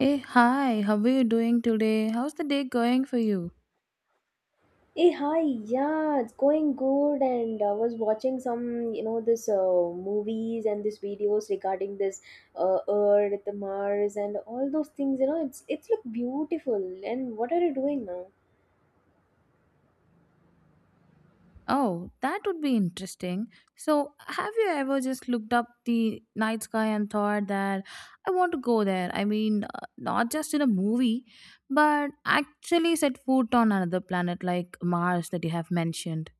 Hey, hi, how are you doing today? How's the day going for you? Hey, hi, yeah, it's going good. And I was watching some, you know, this movies and these videos regarding this Earth, Mars, and all those things. You know, it's look beautiful. And what are you doing now? Oh, that would be interesting. So, have you ever just looked up the night sky and thought that I want to go there? I mean, not just in a movie, but actually set foot on another planet like Mars that you have mentioned.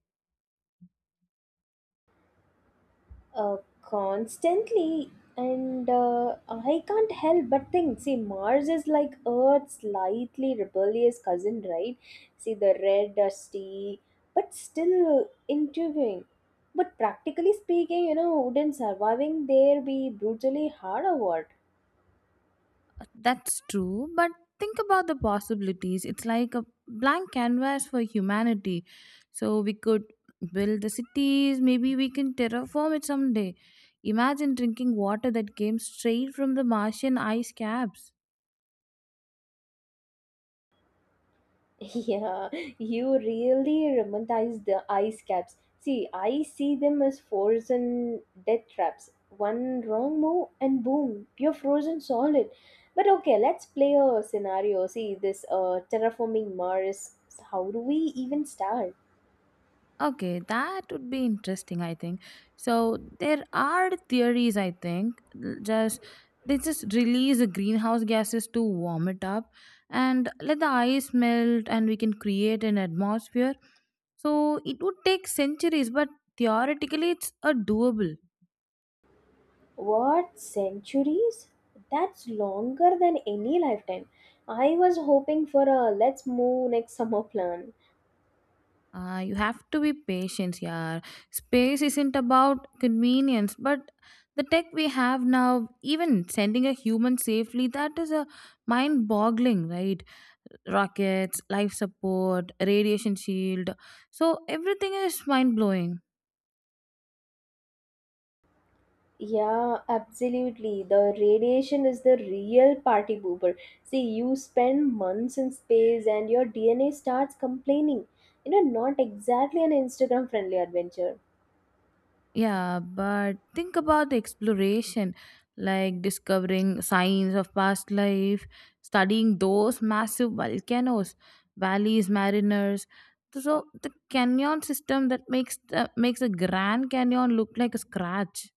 uh, Constantly and I can't help but think, see, Mars is like Earth's slightly rebellious cousin, right? See, the red dusty but still intriguing, but practically speaking, you know, wouldn't surviving there be brutally hard or what? That's true, but think about the possibilities. It's like a blank canvas for humanity. So we could build the cities, maybe we can terraform it someday. Imagine drinking water that came straight from the Martian ice caps. Yeah, you really romanticize the ice caps. See, I see them as frozen death traps. One wrong move and boom, you're frozen solid. But okay, let's play a scenario. See, this terraforming Mars. How do we even start? Okay, that would be interesting, I think. So there are theories, I think. L- Just they just release the greenhouse gases to warm it up and let the ice melt and we can create an atmosphere. So it would take centuries, but theoretically it's a doable. What centuries? That's longer than any lifetime. I was hoping for a let's move next summer plan. You have to be patient, yeah. Space isn't about convenience, but the tech we have now, even sending a human safely, that is a mind boggling, right? Rockets, life support, radiation shield. So everything is mind blowing. Yeah, absolutely. The radiation is the real party pooper. See, you spend months in space and your DNA starts complaining. Not exactly an Instagram friendly adventure. Yeah, but think about the exploration, like discovering signs of past life, studying those massive volcanoes, valleys, mariners. So the canyon system that makes the Grand Canyon look like a scratch.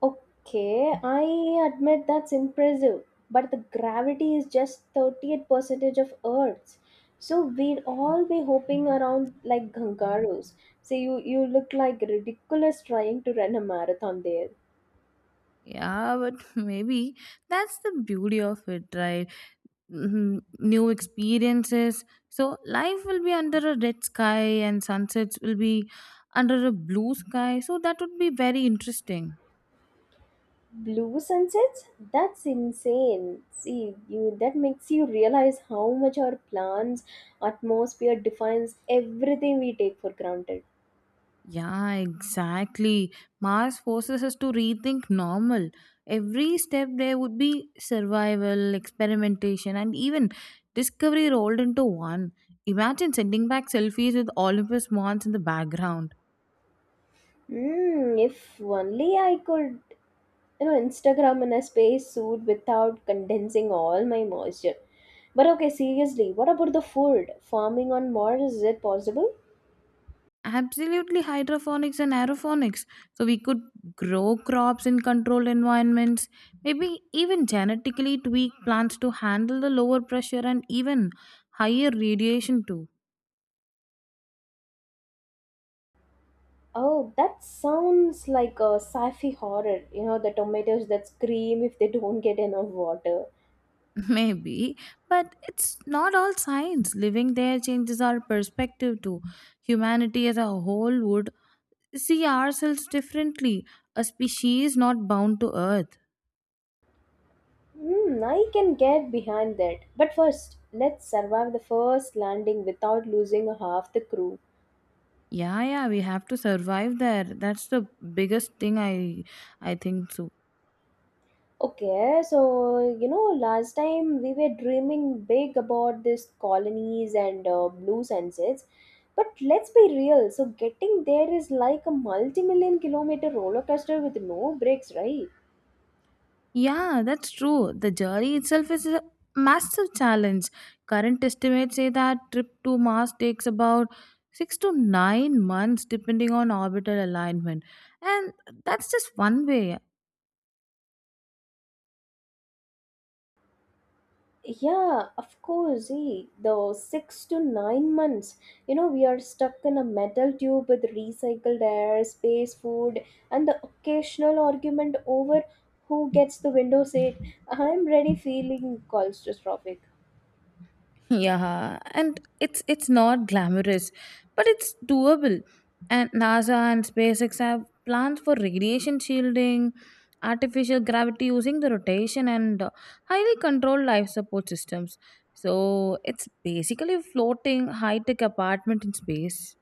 Okay, I admit that's impressive, but the gravity is just 38 percentage of Earth's. So we'd all be hopping around like kangaroos. See, you look like ridiculous trying to run a marathon there. Yeah, but maybe that's the beauty of it, right? Mhm, New experiences. So life will be under a red sky and sunsets will be under a blue sky. So that would be very interesting. Blue sunsets? That's insane. See, you that makes you realize how much our plan's atmosphere defines everything we take for granted. Yeah, exactly. Mars forces us to rethink normal. Every step there would be survival, experimentation, and even discovery rolled into one. Imagine sending back selfies with Olympus Mons in the background. Hmm. If only I could, Instagram in a space suit without condensing all my moisture. But okay, seriously, what about the food? Farming on Mars, is it possible? Absolutely, hydroponics and aeroponics. So we could grow crops in controlled environments, maybe even genetically tweak plants to handle the lower pressure and even higher radiation too. Oh, that sounds like a sci-fi horror. The tomatoes that scream if they don't get enough water. Maybe, but it's not all science. Living there changes our perspective too. Humanity as a whole would see ourselves differently, a species not bound to earth. Hmm, I can get behind that. But first, let's survive the first landing without losing half the crew. Yeah, yeah, we have to survive there. That's the biggest thing I think so. Okay, so last time we were dreaming big about these colonies and blue sunsets. But let's be real, so getting there is like a multi million kilometer roller coaster with no breaks, right? Yeah, that's true. The journey itself is a massive challenge. Current estimates say that trip to Mars takes about 6 to 9 months, depending on orbital alignment. And that's just one way. Yeah, of course. See, the six to nine months, we are stuck in a metal tube with recycled air, space food, and the occasional argument over who gets the window seat. I'm ready feeling claustrophobic. Yeah, and it's not glamorous, but it's doable. And NASA and SpaceX have plans for radiation shielding, artificial gravity using the rotation, and highly controlled life support systems. So it's basically a floating high tech apartment in space.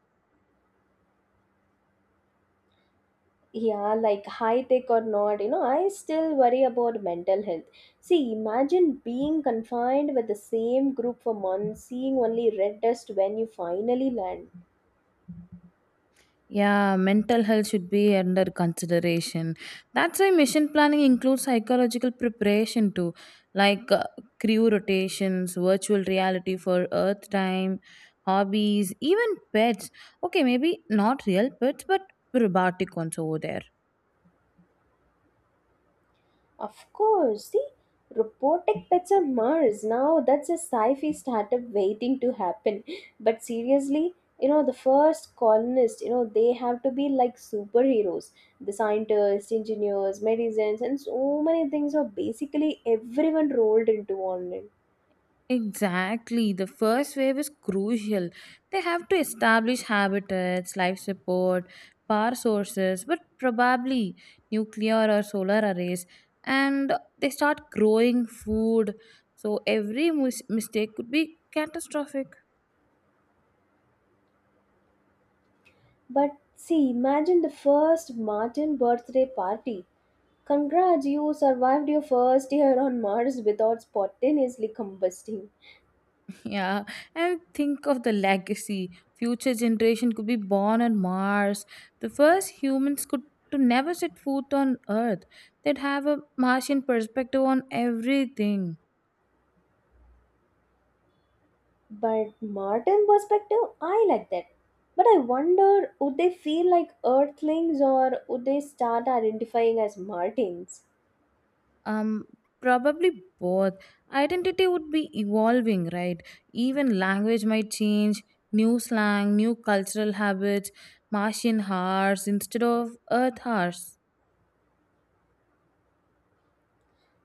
Yeah, like high tech or not, I still worry about mental health. See, imagine being confined with the same group for months, seeing only red dust when you finally land. Yeah, mental health should be under consideration. That's why mission planning includes psychological preparation too, like crew rotations, virtual reality for Earth time, hobbies, even pets. Okay, maybe not real pets, but robotic ones over there. Of course, see, robotic pets on Mars. Now that's a sci-fi startup waiting to happen. But seriously, the first colonists, they have to be like superheroes. The scientists, engineers, medicines, and so many things are basically everyone rolled into one. Name. Exactly. The first wave is crucial. They have to establish habitats, life support, power sources, but probably nuclear or solar arrays. And they start growing food. So every mistake could be catastrophic. But see, imagine the first Martin birthday party. Congrats, you survived your first year on Mars without spontaneously combusting. Yeah. And think of the legacy. Future generation could be born on Mars. The first humans could to never set foot on Earth. They'd have a Martian perspective on everything. But Martin perspective, I like that. But I wonder would they feel like earthlings or would they start identifying as Martins? um Probably both. Identity would be evolving, right? Even language might change. New slang, new cultural habits. Martian hours instead of earth hours.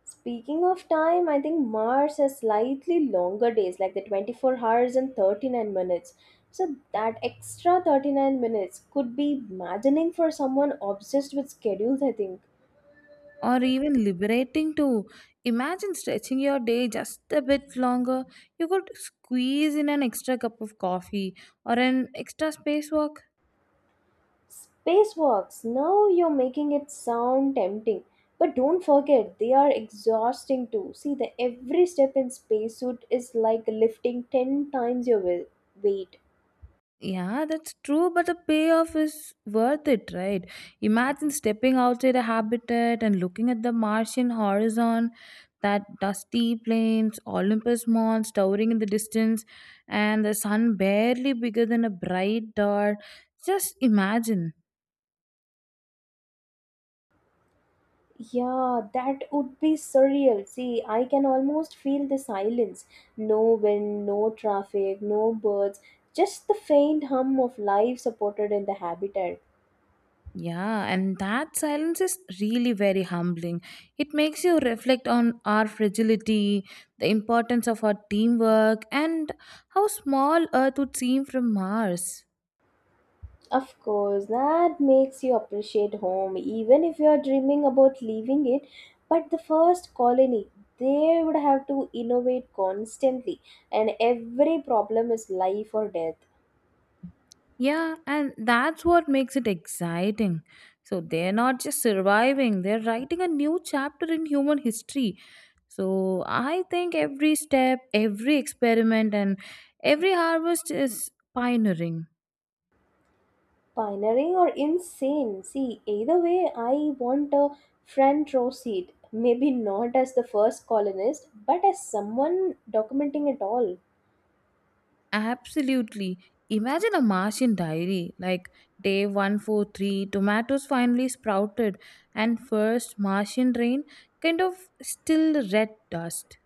Speaking of time, I think Mars has slightly longer days, like the 24 hours and 39 minutes. So that extra 39 minutes could be maddening for someone obsessed with schedules, I think. Or even liberating too. Imagine stretching your day just a bit longer. You could squeeze in an extra cup of coffee or an extra spacewalk. Spacewalks. Now you're making it sound tempting. But don't forget, they are exhausting too. See, the every step in spacesuit is like lifting 10 times your weight. Yeah, that's true, but the payoff is worth it, right? Imagine stepping outside a habitat and looking at the Martian horizon, that dusty plains, Olympus Mons towering in the distance, and the sun barely bigger than a bright dot. Just imagine. Yeah, that would be surreal. See, I can almost feel the silence. No wind, no traffic, no birds, just the faint hum of life supported in the habitat. Yeah, and that silence is really very humbling. It makes you reflect on our fragility, the importance of our teamwork, and how small Earth would seem from Mars. Of course, that makes you appreciate home, even if you are dreaming about leaving it. But the first colony, they would have to innovate constantly, and every problem is life or death. Yeah, and that's what makes it exciting. So they're not just surviving, they're writing a new chapter in human history. So I think every step, every experiment, and every harvest is pioneering. Pioneering or insane. See, either way, I want a front row seat. Maybe not as the first colonist, but as someone documenting it all. Absolutely. Imagine a Martian diary like day 143, tomatoes finally sprouted, and first Martian rain kind of still red dust.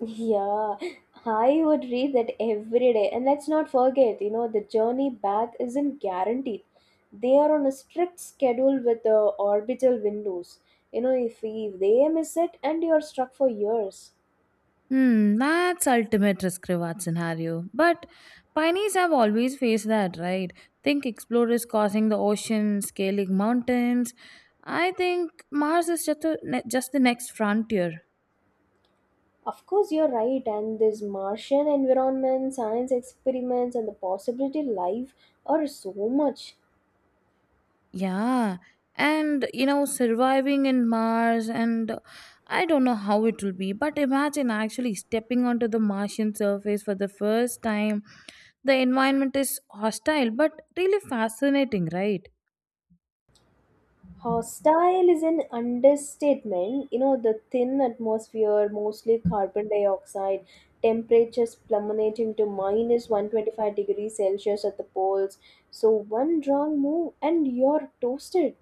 Yeah, I would read that every day. And let's not forget, the journey back isn't guaranteed. They are on a strict schedule with the orbital windows. You know, if they miss it and you're stuck for years. Hmm, that's ultimate risk reward scenario. But pioneers have always faced that, right? Think explorers crossing the ocean, scaling mountains. I think Mars is just the next frontier. Of course, you're right. And this Martian environment, science experiments, and the possibility life are so much. Yeah, and you know, surviving in Mars, and I don't know how it will be, but imagine actually stepping onto the Martian surface for the first time. The environment is hostile, but really fascinating, right? Hostile is an understatement. The thin atmosphere, mostly carbon dioxide, temperatures plummeting to minus 125 degrees Celsius at the poles. So, one wrong move and you're toasted.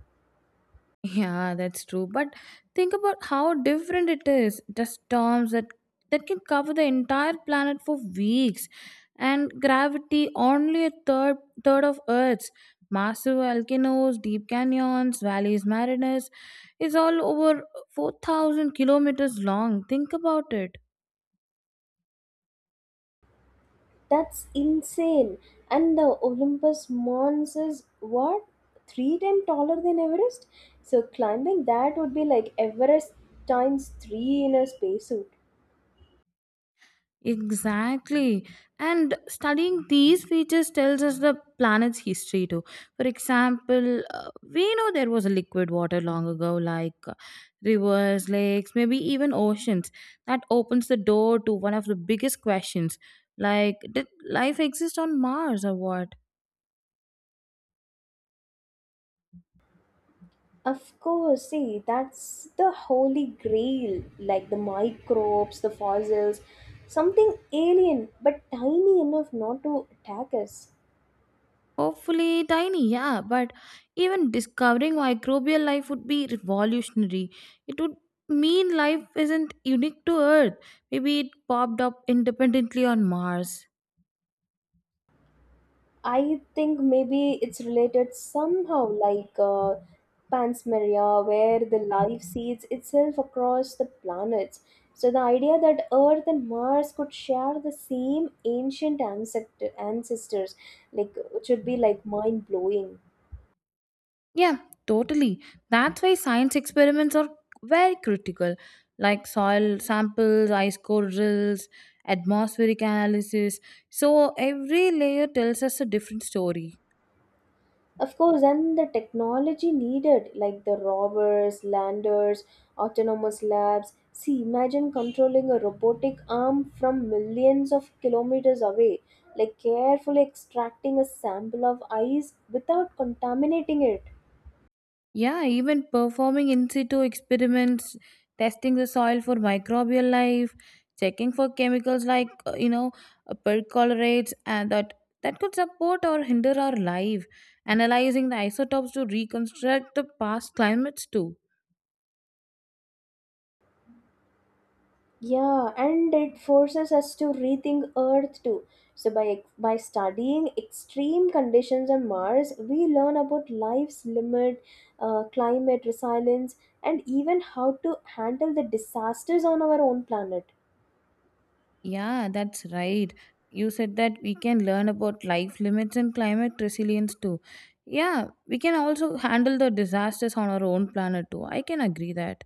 Yeah, that's true. But think about how different it is. The storms that can cover the entire planet for weeks, and gravity only a third of Earth's. Massive volcanoes, deep canyons, valleys, mariners is all over 4,000 kilometers long. Think about it. That's insane. And the Olympus Mons is what? Three times taller than Everest? So, climbing that would be like Everest times three in a spacesuit. Exactly. And studying these features tells us the planet's history too. For example, we know there was a liquid water long ago, like rivers, lakes, maybe even oceans. That opens the door to one of the biggest questions like, did life exist on Mars or what? Of course, see, that's the holy grail, like the microbes, the fossils, something alien but tiny enough not to attack us. Hopefully tiny, yeah, but even discovering microbial life would be revolutionary. It would mean life isn't unique to Earth. Maybe it popped up independently on Mars. I think maybe it's related somehow, like Panspermia, where the life seeds itself across the planets. So the idea that Earth and Mars could share the same ancestors, like, which would be like mind blowing. Yeah, totally. That's why science experiments are very critical, like soil samples, ice core drills, atmospheric analysis. So every layer tells us a different story. Of course, and the technology needed, like the rovers, landers, autonomous labs. See, imagine controlling a robotic arm from millions of kilometers away, like carefully extracting a sample of ice without contaminating it. Yeah, even performing in situ experiments, testing the soil for microbial life, checking for chemicals like percolates, and that could support or hinder our life. Analyzing the isotopes to reconstruct the past climates too. Yeah, and it forces us to rethink Earth too. So by studying extreme conditions on Mars, we learn about life's limit, climate resilience, and even how to handle the disasters on our own planet. Yeah, that's right. You said that we can learn about life limits and climate resilience too. Yeah, we can also handle the disasters on our own planet too. I can agree that.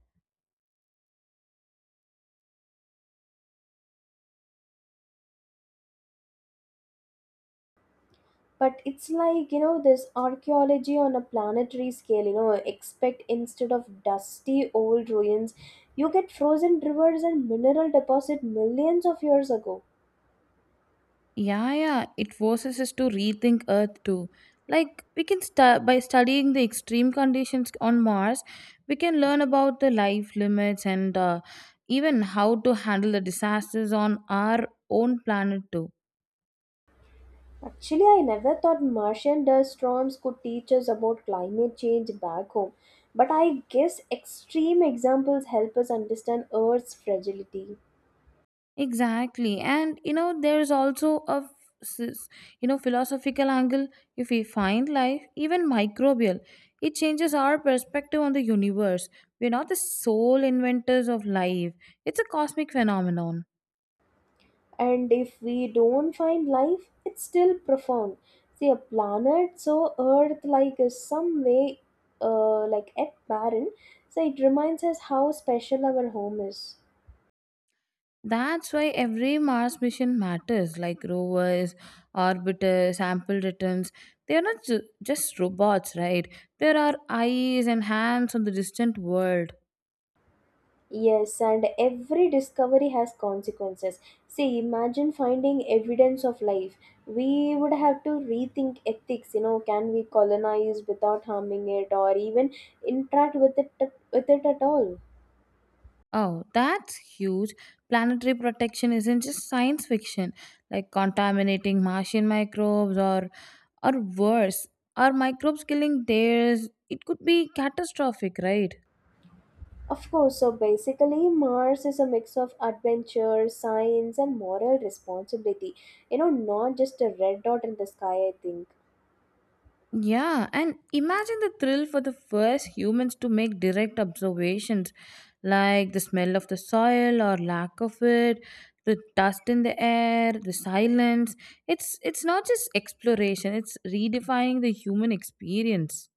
But it's like, you know, this archaeology on a planetary scale. You know, expect instead of dusty old ruins, you get frozen rivers and mineral deposit millions of years ago. Yeah, yeah, it forces us to rethink Earth too. Like, we can start by studying the extreme conditions on Mars, we can learn about the life limits and even how to handle the disasters on our own planet too. Actually, I never thought Martian dust storms could teach us about climate change back home, but I guess extreme examples help us understand Earth's fragility. Exactly. And you know, there's also a s- philosophical angle. If we find life, even microbial, it changes our perspective on the universe. We're not the sole inventors of life. It's a cosmic phenomenon. And if we don't find life, it's still profound. See, a planet so Earth-like is some way, like at barren, so it reminds us how special our home is. That's why every Mars mission matters, like rovers, orbiters, sample returns. They are not just robots, right? There are eyes and hands on the distant world. Yes, and every discovery has consequences. See, imagine finding evidence of life. We would have to rethink ethics. You know, can we colonize without harming it, or even interact with it at all? Oh, that's huge. Planetary protection isn't just science fiction, like contaminating Martian microbes or worse, are microbes killing theirs? It could be catastrophic, right? Of course. So basically, Mars is a mix of adventure, science, and moral responsibility. Not just a red dot in the sky, I think. Yeah, and imagine the thrill for the first humans to make direct observations like the smell of the soil or lack of it, the dust in the air, the silence. It's not just exploration, it's redefining the human experience.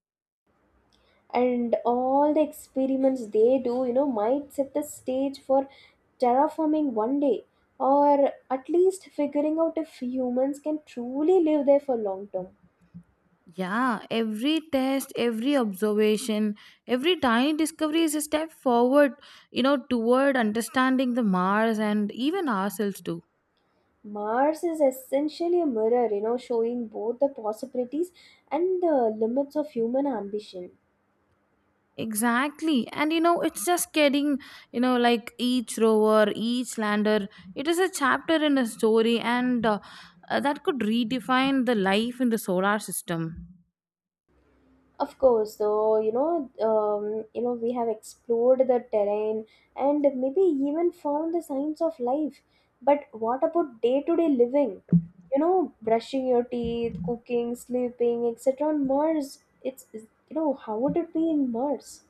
And all the experiments they do, might set the stage for terraforming one day, or at least figuring out if humans can truly live there for long term. Yeah, every test, every observation, every tiny discovery is a step forward, toward understanding the Mars and even ourselves too. Mars is essentially a mirror, showing both the possibilities and the limits of human ambition. Exactly. And it's just getting, like each rover, each lander, it is a chapter in a story and that could redefine the life in the solar system. Of course, so we have explored the terrain and maybe even found the signs of life. But what about day-to-day living? You know, brushing your teeth, cooking, sleeping, etc. On Mars, how would it be in Mars?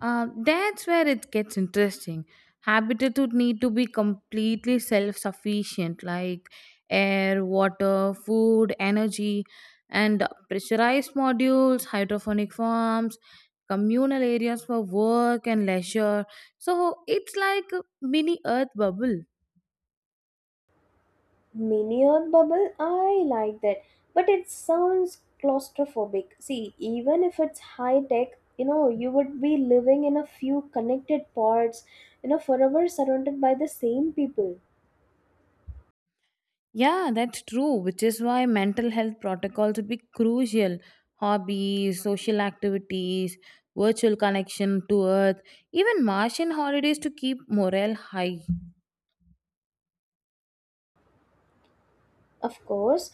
That's where it gets interesting. Habitat would need to be completely self sufficient, like air, water, food, energy, and pressurized modules, hydroponic farms, communal areas for work and leisure. So it's like a mini earth bubble. Minion bubble, I like that, but it sounds claustrophobic. See, even if it's high tech, you would be living in a few connected pods, forever surrounded by the same people. Yeah, that's true, which is why mental health protocols would be crucial. Hobbies, social activities, virtual connection to Earth, even Martian holidays to keep morale high. Of course,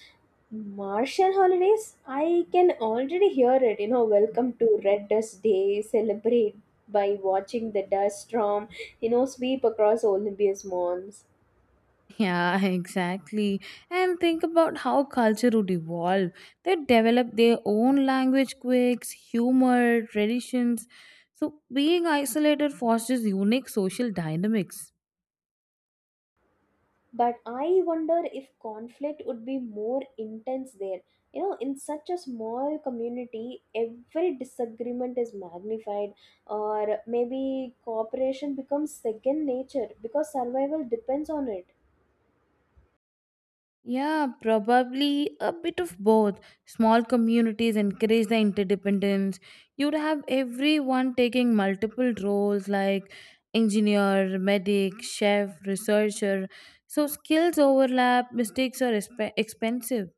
Martian holidays, I can already hear it. You know, welcome to Red Dust Day, celebrate by watching the dust storm, sweep across Olympus Mons. Yeah, exactly. And think about how culture would evolve. They develop their own language quirks, humor, traditions. So being isolated fosters unique social dynamics. But I wonder if conflict would be more intense there. You know, in such a small community every disagreement is magnified, or maybe cooperation becomes second nature because survival depends on it. Yeah, probably a bit of both. Small communities encourage the interdependence. You'd have everyone taking multiple roles like engineer, medic, chef, researcher. So skills overlap, mistakes are expensive.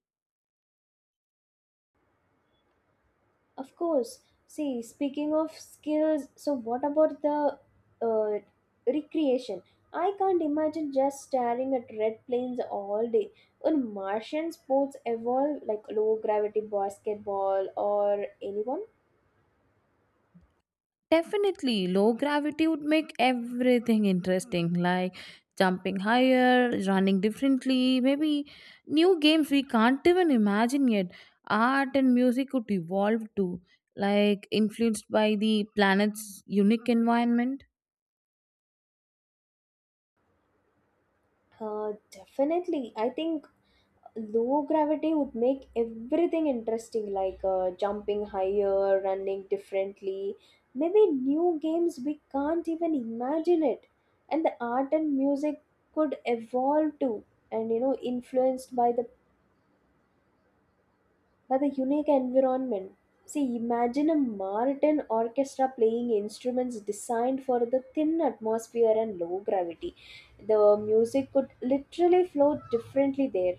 Of course. See, speaking of skills, so what about the uh, recreation? I can't imagine just staring at red planes all day. Would Martian sports evolve like low gravity basketball or anyone? Definitely, low gravity would make everything interesting, like jumping higher, running differently, maybe new games we can't even imagine yet. Art and music could evolve too, like influenced by the planet's unique environment. Uh, Definitely. I think low gravity would make everything interesting, like jumping higher, running differently, maybe new games we can't even imagine it. And the art and music could evolve too, and, influenced by the unique environment. See, imagine a martin orchestra playing instruments designed for the thin atmosphere and low gravity. The music could literally flow differently there.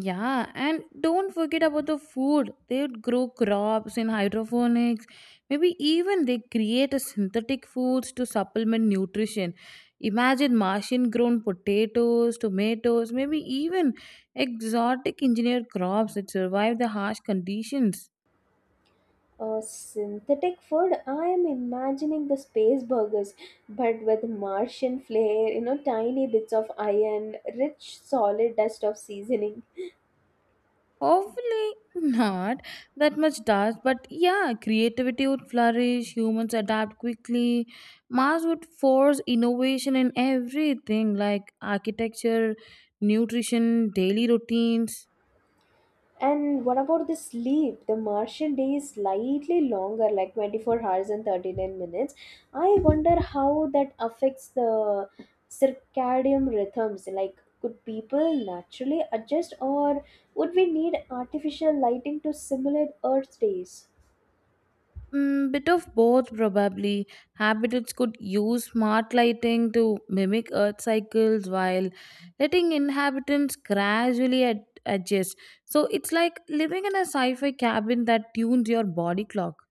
Yeah, and don't forget about the food. They would grow crops in hydroponics. Maybe even they create a synthetic foods to supplement nutrition. Imagine Martian grown potatoes, tomatoes, maybe even exotic engineered crops that survive the harsh conditions. Synthetic food, I am imagining the space burgers, but with Martian flair, tiny bits of iron, rich solid dust of seasoning. Hopefully not that much dust, but yeah, creativity would flourish, humans adapt quickly. Mars would force innovation in everything like architecture, nutrition, daily routines. And what about the sleep? The Martian day is slightly longer, like 24 hours and 39 minutes. I wonder how that affects the circadian rhythms. Like, could people naturally adjust, or would we need artificial lighting to simulate Earth days? Mm, bit of both probably. Habitats could use smart lighting to mimic Earth cycles while letting inhabitants gradually adjust. So it's like living in a sci fi cabin that tunes your body clock.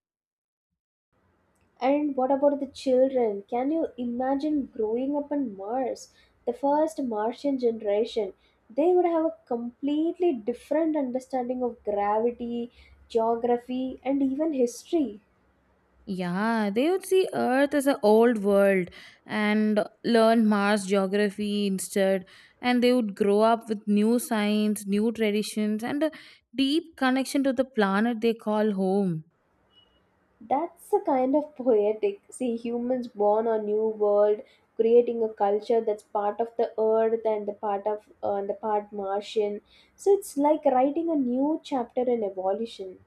And what about the children? Can you imagine growing up on Mars? The first Martian generation, they would have a completely different understanding of gravity, geography, and even history. Yeah, they would see Earth as an old world and learn Mars geography instead. And they would grow up with new science, new traditions, and a deep connection to the planet they call home. That's a kind of poetic. See, humans born on new world, creating a culture that's part of the Earth and the part of and the part Martian. So it's like writing a new chapter in evolution.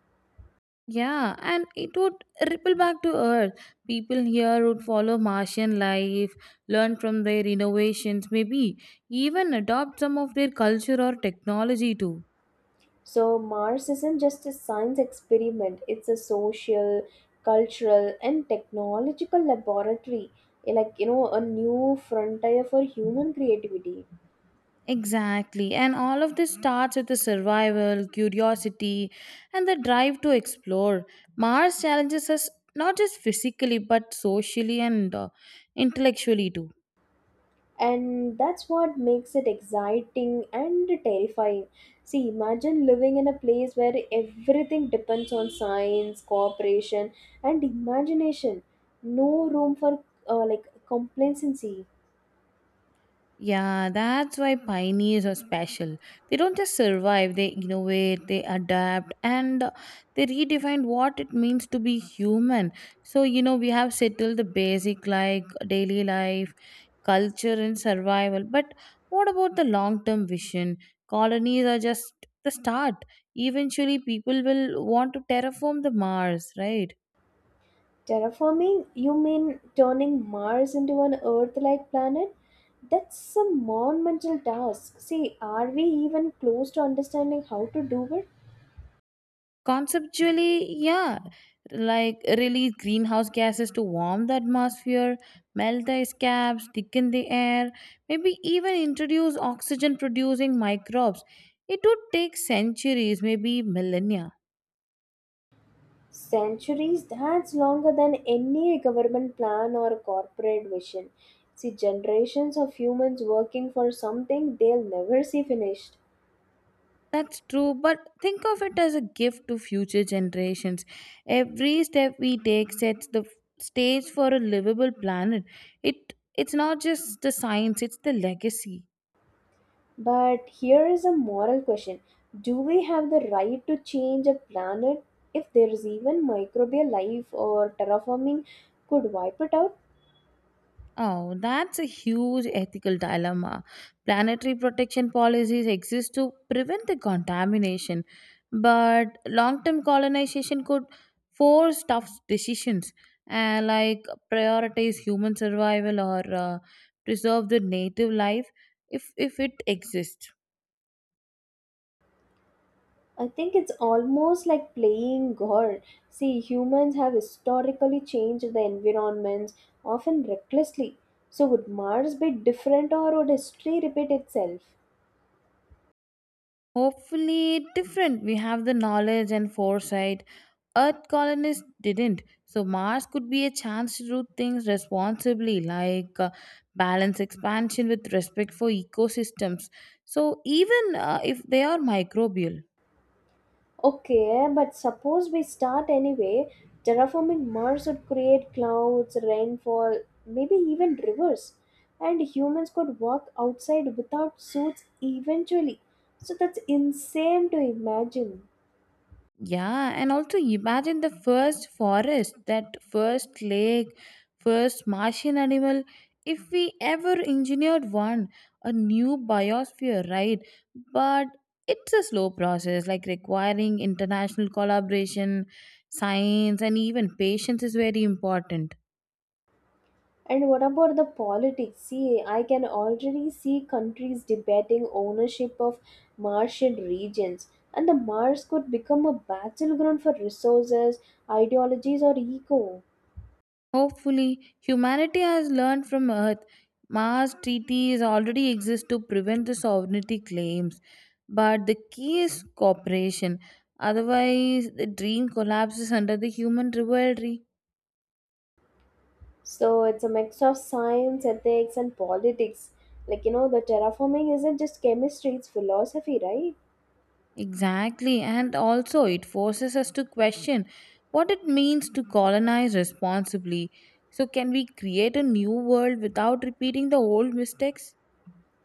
Yeah, and it would ripple back to Earth. People here would follow Martian life, learn from their innovations, maybe even adopt some of their culture or technology too. So Mars isn't just a science experiment, it's a social, cultural, and technological laboratory. Eh, like, a new frontier for human creativity. Exactly. And all of this starts with the survival, curiosity, and the drive to explore. Mars challenges us not just physically, but socially and intellectually too. And that's what makes it exciting and terrifying. See, imagine living in a place where everything depends on science, cooperation, and imagination. No room for like complacency. Yeah, that's why pioneers are special. They don't just survive, they innovate, they adapt, and they redefine what it means to be human. So, we have settled the basic like daily life, culture, and survival. But what about the long term vision? Colonies are just the start. Eventually, people will want to terraform the Mars, right? Terraforming? You mean turning Mars into an Earth like planet? That's a monumental task. See, are we even close to understanding how to do it? Conceptually, yeah. Like, release greenhouse gases to warm the atmosphere, melt ice caps, thicken the air, maybe even introduce oxygen producing microbes. It would take centuries, maybe millennia. Centuries, that's longer than any government plan or corporate vision. See, generations of humans working for something they'll never see finished. That's true, but think of it as a gift to future generations. Every step we take sets the stage for a livable planet. It's not just the science, it's the legacy. But here is a moral question. Do we have the right to change a planet if there is even microbial life, or terraforming could wipe it out? Oh, that's a huge ethical dilemma. Planetary protection policies exist to prevent the contamination, but long term colonization could force tough decisions and like prioritize human survival or preserve the native life if it exists. I think it's almost like playing God. See, humans have historically changed the environments, often recklessly. So, would Mars be different or would history repeat itself? Hopefully, different. We have the knowledge and foresight. Earth colonists didn't. So, Mars could be a chance to do things responsibly, like balance expansion with respect for ecosystems. So, even if they are microbial. Okay, but suppose we start anyway. Terraforming Mars would create clouds, rainfall, maybe even rivers. And humans could walk outside without suits eventually. So that's insane to imagine. Yeah, and also imagine the first forest, that first lake, first Martian animal. If we ever engineered one, a new biosphere, right? But it's a slow process, like requiring international collaboration, science, and even patience is very important. And what about the politics? See, I can already see countries debating ownership of Martian regions. And the Mars could become a battleground for resources, ideologies, or ego. Hopefully, humanity has learned from Earth. Mars treaties already exist to prevent the sovereignty claims, but the key is cooperation. Otherwise, the dream collapses under the human rivalry. So it's a mix of science, ethics, and politics. Like, the terraforming isn't just chemistry, it's philosophy, right? Exactly, and also it forces us to question what it means to colonize responsibly. So, can we create a new world without repeating the old mistakes?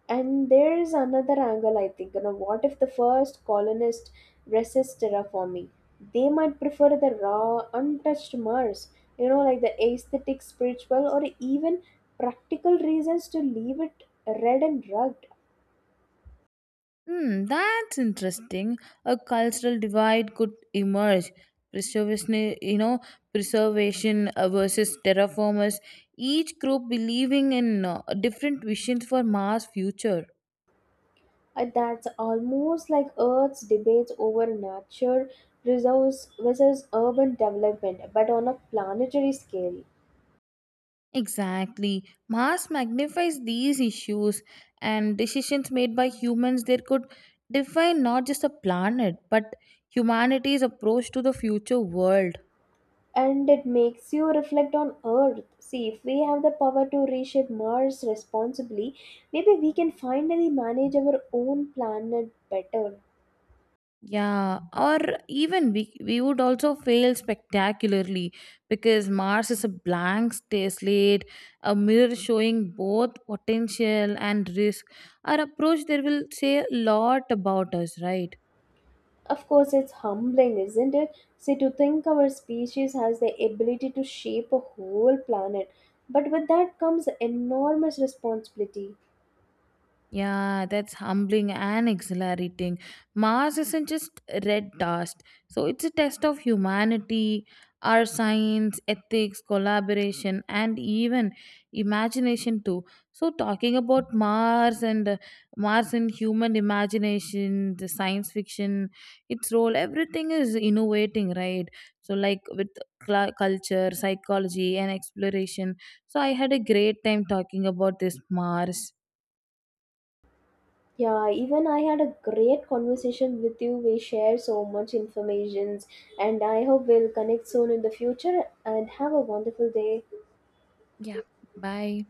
And there is another angle, I think. You know, what if the first colonist resists terraforming? They might prefer the raw, untouched Mars, like the aesthetic, spiritual, or even practical reasons to leave it red and rugged. Hmm, that's interesting. A cultural divide could emerge. Preservation, you know, preservation versus terraformers. Each group believing in different visions for Mars' future. That's almost like Earth's debates over nature reserves versus urban development, but on a planetary scale. Exactly. Mars magnifies these issues and decisions made by humans there could define not just a planet but humanity's approach to the future world. And it makes you reflect on Earth. See, if we have the power to reshape Mars responsibly, maybe we can finally manage our own planet better. Yeah, or even we would also fail spectacularly because Mars is a blank slate, a mirror showing both potential and risk. Our approach there will say a lot about us, right? Of course, it's humbling, isn't it? See, to think our species has the ability to shape a whole planet, but with that comes enormous responsibility. Yeah, that's humbling and exhilarating. Mars isn't just red dust, so it's a test of humanity, our science, ethics, collaboration, and even imagination too. So, talking about Mars and human imagination, the science fiction, its role, everything is innovating, right? So, like with culture, psychology, and exploration. So, I had a great time talking about this Mars. Yeah, even I had a great conversation with you. We share so much information, and I hope we'll connect soon in the future. And have a wonderful day. Yeah. Bye.